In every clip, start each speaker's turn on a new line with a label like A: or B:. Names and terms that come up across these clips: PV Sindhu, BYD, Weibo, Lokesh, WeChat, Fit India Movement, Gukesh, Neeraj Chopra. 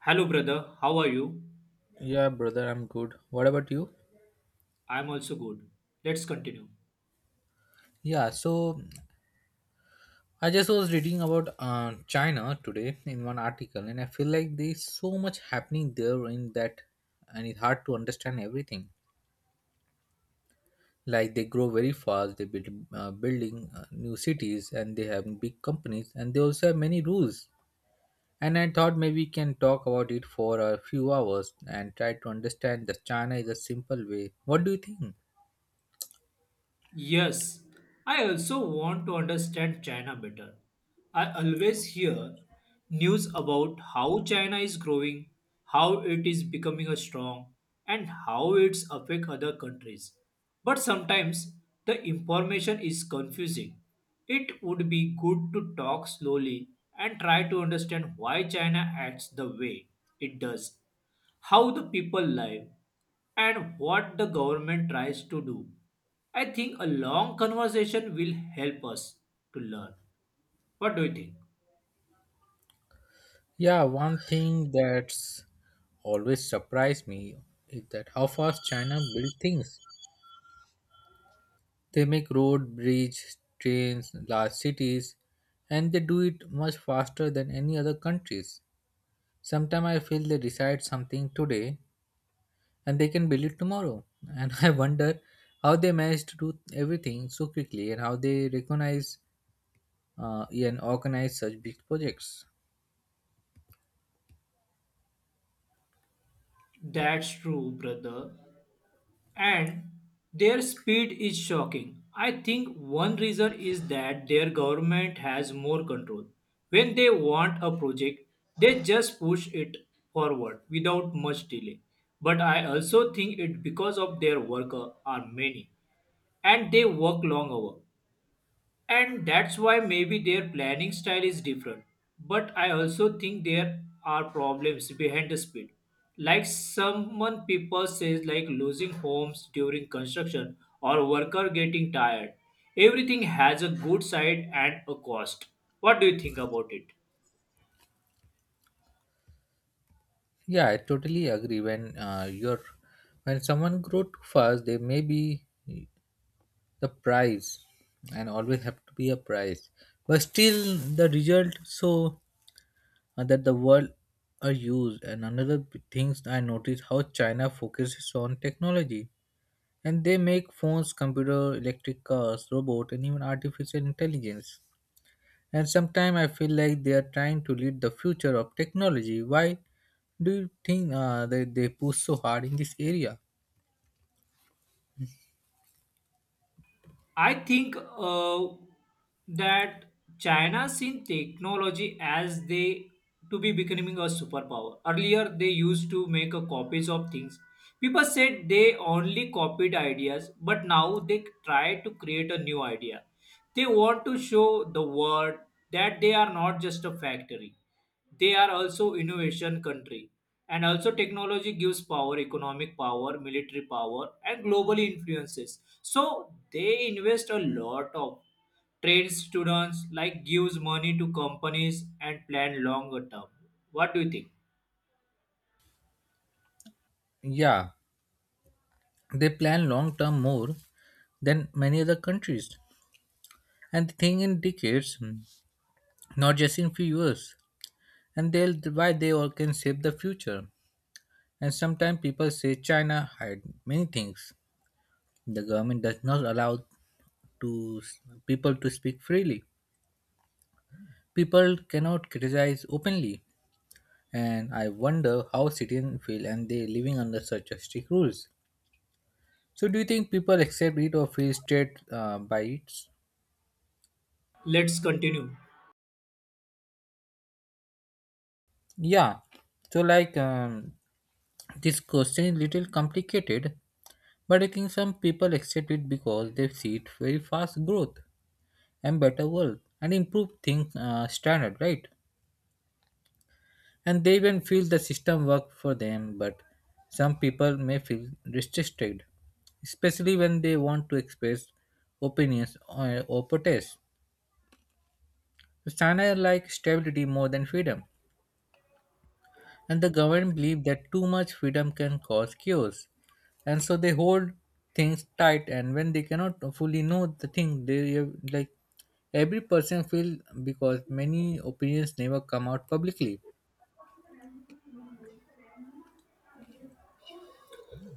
A: Hello, brother. How are you?
B: Yeah, brother, I'm good. What about you?
A: I'm also good. Let's continue.
B: Yeah, so I just was reading about China today in one article, and I feel like there's so much happening there in that, and it's hard to understand everything. Like they grow very fast, they build building new cities, and they have big companies, and they also have many rules. And I thought maybe we can talk about it for a few hours and try to understand that China is a simple way. What do you think?
A: Yes, I also want to understand China better. I always hear news about how China is growing, how it is becoming a strong, and how it's affect other countries. But sometimes the information is confusing. It would be good to talk slowly and try to understand why China acts the way it does, how the people live, and what the government tries to do. I think a long conversation will help us to learn. What do you think?
B: Yeah, one thing that's always surprised me is that how fast China build things. They make road, bridge, trains, large cities, and they do it much faster than any other countries. Sometimes I feel they decide something today and they can build it tomorrow. And I wonder how they manage to do everything so quickly and how they recognize and organize such big projects.
A: That's true, brother. And their speed is shocking. I think one reason is that their government has more control. When they want a project, they just push it forward without much delay. But I also think it because of their worker are many and they work long hour. And that's why maybe their planning style is different. But I also think there are problems behind the speed. Like someone people says like losing homes during construction or worker getting tired. Everything has a good side and a cost. What do you think about it?
B: Yeah, I totally agree. When someone grow too fast, they may be the prize, and always have to be a prize. But still, the result so that the world are used. And another things I noticed how China focuses on technology, and they make phones, computer, electric cars, robot, and even artificial intelligence. And sometimes I feel like they are trying to lead the future of technology. Why do you think that they push so hard in this area?
A: I think that China seen technology as they to be becoming a superpower. Earlier, they used to make a copies of things. People said they only copied ideas, but now they try to create a new idea. They want to show the world that they are not just a factory, they are also innovation country, and also technology gives power, economic power, military power, and global influences. So they invest a lot of trained students, like gives money to companies and plan longer term. What do you think?
B: Yeah, they plan long term more than many other countries. And they think in decades, not just in few years. And they'll why they all can save the future. And sometimes people say China hide many things. The government does not allow to people to speak freely. People cannot criticize openly, and I wonder how citizens feel and they living under such a strict rules. So do you think people accept it or feel straight by it?
A: Let's continue.
B: Yeah. So like, this question is little complicated, but I think some people accept it because they see it very fast growth and better world and improve things standard, right? And they even feel the system work for them, but some people may feel restricted, especially when they want to express opinions or protest. So China like stability more than freedom, and the government believe that too much freedom can cause chaos, and so they hold things tight. And when they cannot fully know the thing they like every person feel, because many opinions never come out publicly.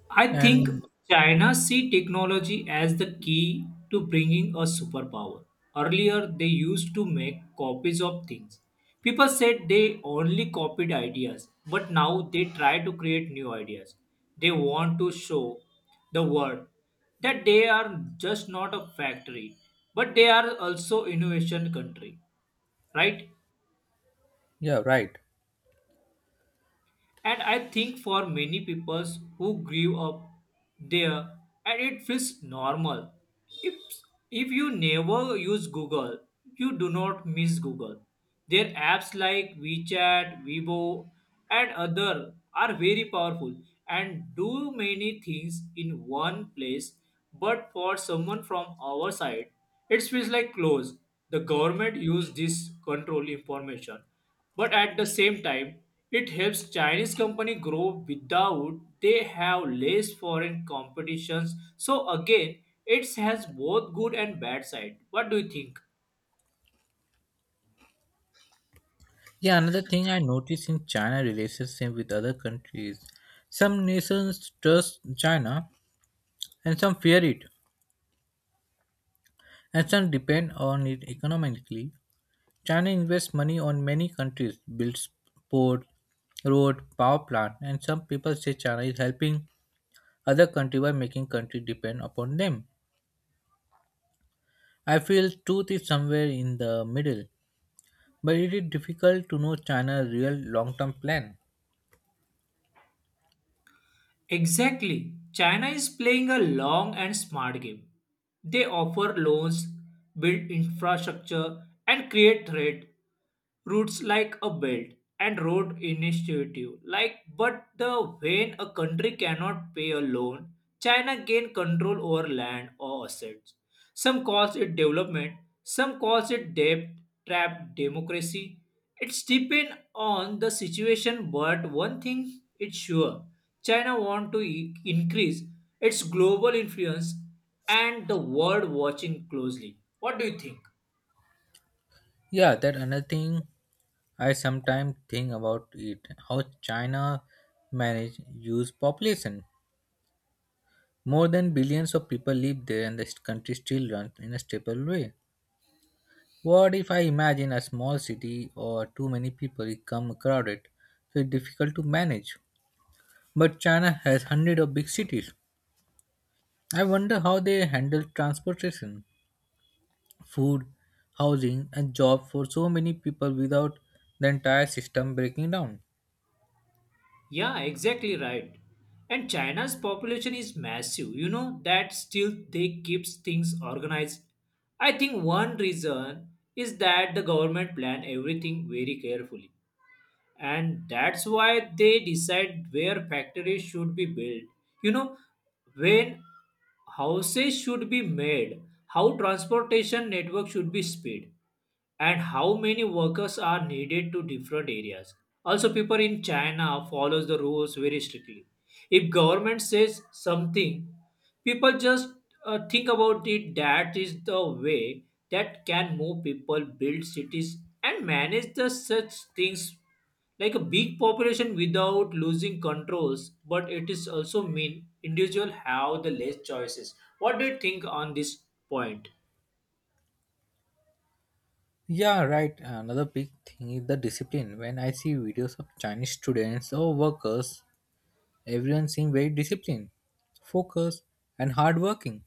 A: I think
B: And
A: China see technology as the key to bringing a superpower. Earlier, they used to make copies of things. People said they only copied ideas, but now they try to create new ideas. They want to show the world that they are just not a factory, but they are also innovation country, right?
B: yeah, right.
A: And I think for many people who grew up there, and it feels normal. If, if you never use Google, you do not miss Google. Their apps like WeChat, Weibo, and other are very powerful and do many things in one place. But for someone from our side, it feels like close. The government use this control information, but at the same time, it helps Chinese company grow without they have less foreign competitions. So again, it has both good and bad side. What do you think?
B: Yeah, another thing I notice in China relationship with other countries. Some nations trust China and some fear it and some depend on it economically. China invests money on many countries, builds port, road, power plant, and some people say China is helping other country by making country depend upon them. I feel truth is somewhere in the middle, but it is difficult to know China's real long-term plan.
A: Exactly. China is playing a long and smart game. They offer loans, build infrastructure, and create trade routes like a belt and road initiative. Like, but the when a country cannot pay a loan, China gain control over land or assets. Some calls it development, some calls it debt trap democracy. It's depend on the situation, but one thing it's sure, China want to increase its global influence and the world watching closely. What do you think?
B: Yeah, that another thing I sometimes think about it how China managed huge population. More than billions of people live there and the country still runs in a stable way. What if I imagine a small city or too many people become crowded, so it's difficult to manage. But China has hundreds of big cities. I wonder how they handle transportation, food, housing and job for so many people without the entire system breaking down.
A: Yeah, exactly right. And China's population is massive. You know that still they keeps things organized. I think one reason is that the government plan everything very carefully. And that's why they decide where factories should be built, you know, when houses should be made, how transportation network should be speed, and how many workers are needed to different areas. Also, people in China follows the rules very strictly. If government says something, people just think about it, that is the way that can move people, build cities, and manage the such things like a big population without losing controls. But it is also mean individual have the less choices. What do you think on this point?
B: Yeah, right. Another big thing is the discipline. When I see videos of Chinese students or workers, everyone seems very disciplined, focused, and hardworking.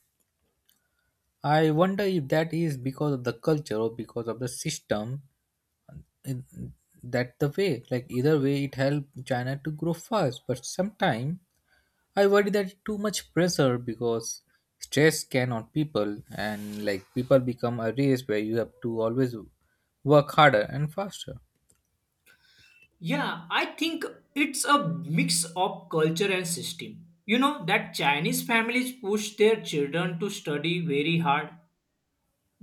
B: I wonder if that is because of the culture or because of the system. It- That the way, like either way, it helped China to grow fast. But sometimes I worry that too much pressure, because stress can on people, and like people become a race where you have to always work harder and faster.
A: Yeah, I think it's a mix of culture and system. You know that Chinese families push their children to study very hard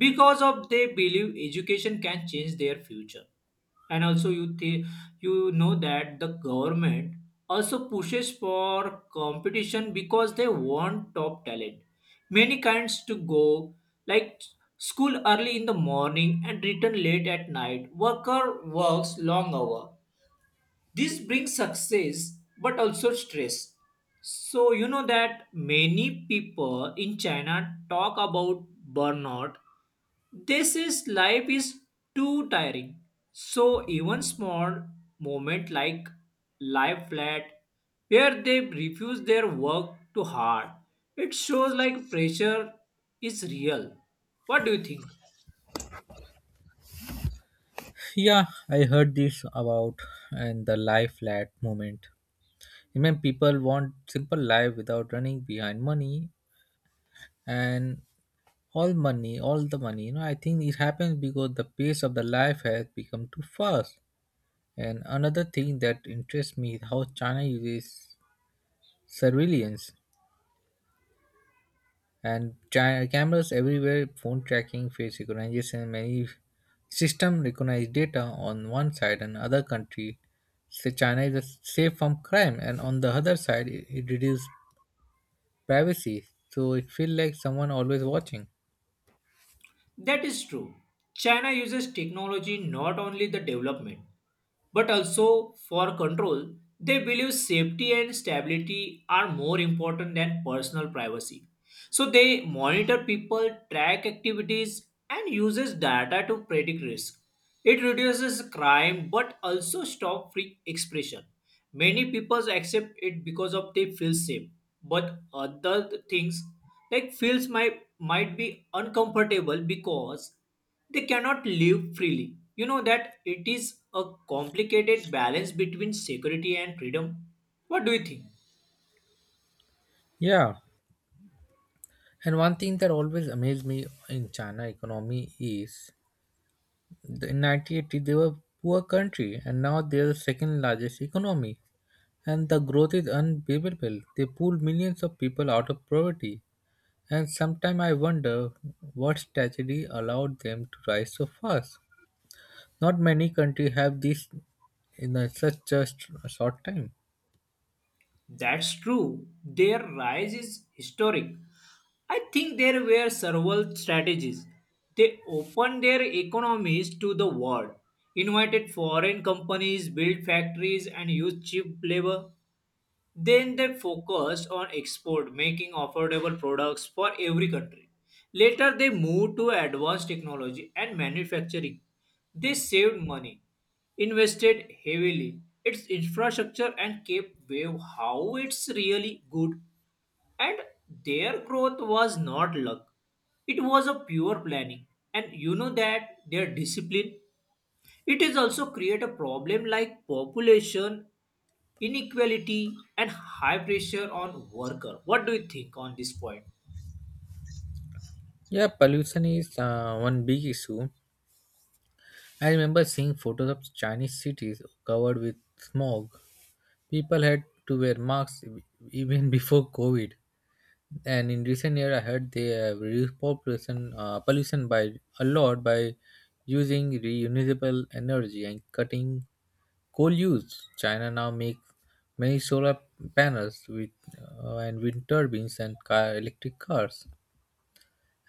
A: because of they believe education can change their future. And also you know that the government also pushes for competition because they want top talent. Many kinds to go like school early in the morning and return late at night. Worker works long hour, this brings success but also stress. So, you know that many people in China talk about burnout. They says life is too tiring. So, even small moment like life flat where they refuse their work too hard, it shows like pressure is real. What do you think?
B: Yeah, I heard this about and the life flat movement. Remember, people want simple life without running behind money and all money, all the money. You know, I think it happens because the pace of the life has become too fast. And another thing that interests me is how China uses surveillance, and cameras everywhere, phone tracking, face recognition, many system recognize data on one side. And other country say China is safe from crime, and on the other side it reduces privacy, so it feel like someone always watching.
A: That is true. China uses technology not only the development but also for control. They believe safety and stability are more important than personal privacy. So they monitor people, track activities, and uses data to predict risk. It reduces crime but also stop free expression. Many people accept it because of they feel safe, but other things like feels might be uncomfortable because they cannot live freely. You know that it is a complicated balance between security and freedom. What do you think?
B: Yeah, and one thing that always amazed me in China economy is the, in 1980 they were poor country and now they are the second largest economy, and the growth is unbelievable. They pull millions of people out of poverty. And sometimes I wonder what strategy allowed them to rise so fast. Not many countries have this in a such a a short time.
A: That's true. Their rise is historic. I think there were several strategies. They opened their economies to the world, invited foreign companies, built factories, and used cheap labor. Then they focused on export, making affordable products for every country. Later, they moved to advanced technology and manufacturing. They saved money, invested heavily its infrastructure, and kept wave how it's really good. And their growth was not luck; it was a pure planning. And you know that their discipline. It is also create a problem like population inequality and high pressure on worker. What do you think on this point?
B: Yeah, pollution is one big issue. I remember seeing photos of Chinese cities covered with smog. People had to wear masks even before COVID. And in recent year I heard they have reduced population pollution by a lot, by using renewable energy and cutting coal use. China now makes many solar panels with and wind turbines and car electric cars,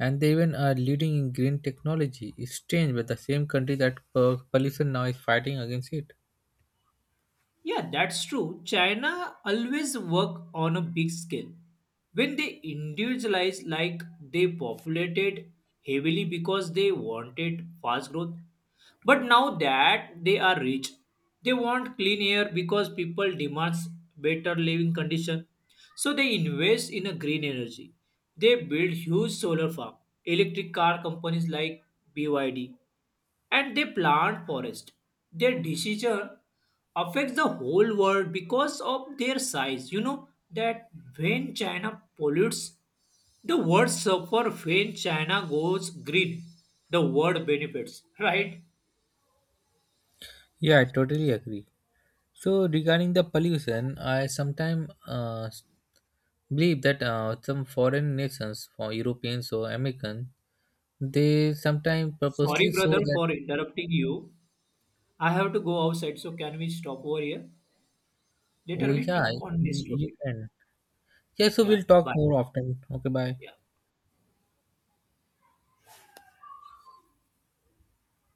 B: and they even are leading in green technology. It's strange, but the same country that pollution now is fighting against it.
A: Yeah, that's true. China always work on a big scale. When they individualize, like they populated heavily because they wanted fast growth. But now that they are rich, they want clean air because people demands better living condition. So they invest in a green energy. They build huge solar farm. Electric car companies like BYD, and they plant forest. Their decision affects the whole world because of their size. You know that when China pollutes, the world suffer. When China goes green, the world benefits. Right?
B: Yeah, I totally agree. So regarding the pollution, I sometimes believe that some foreign nations, for Europeans or American, they sometimes
A: Sorry,
B: purposely show
A: brother,
B: that,
A: for interrupting you. I have to go outside, so can we stop over here?
B: oh
A: Later we
B: yeah,
A: talk on
B: you
A: this
B: you
A: topic.
B: can. Yeah, so
A: Yeah.
B: we'll talk
A: Bye.
B: more often. Okay, bye.
A: Yeah.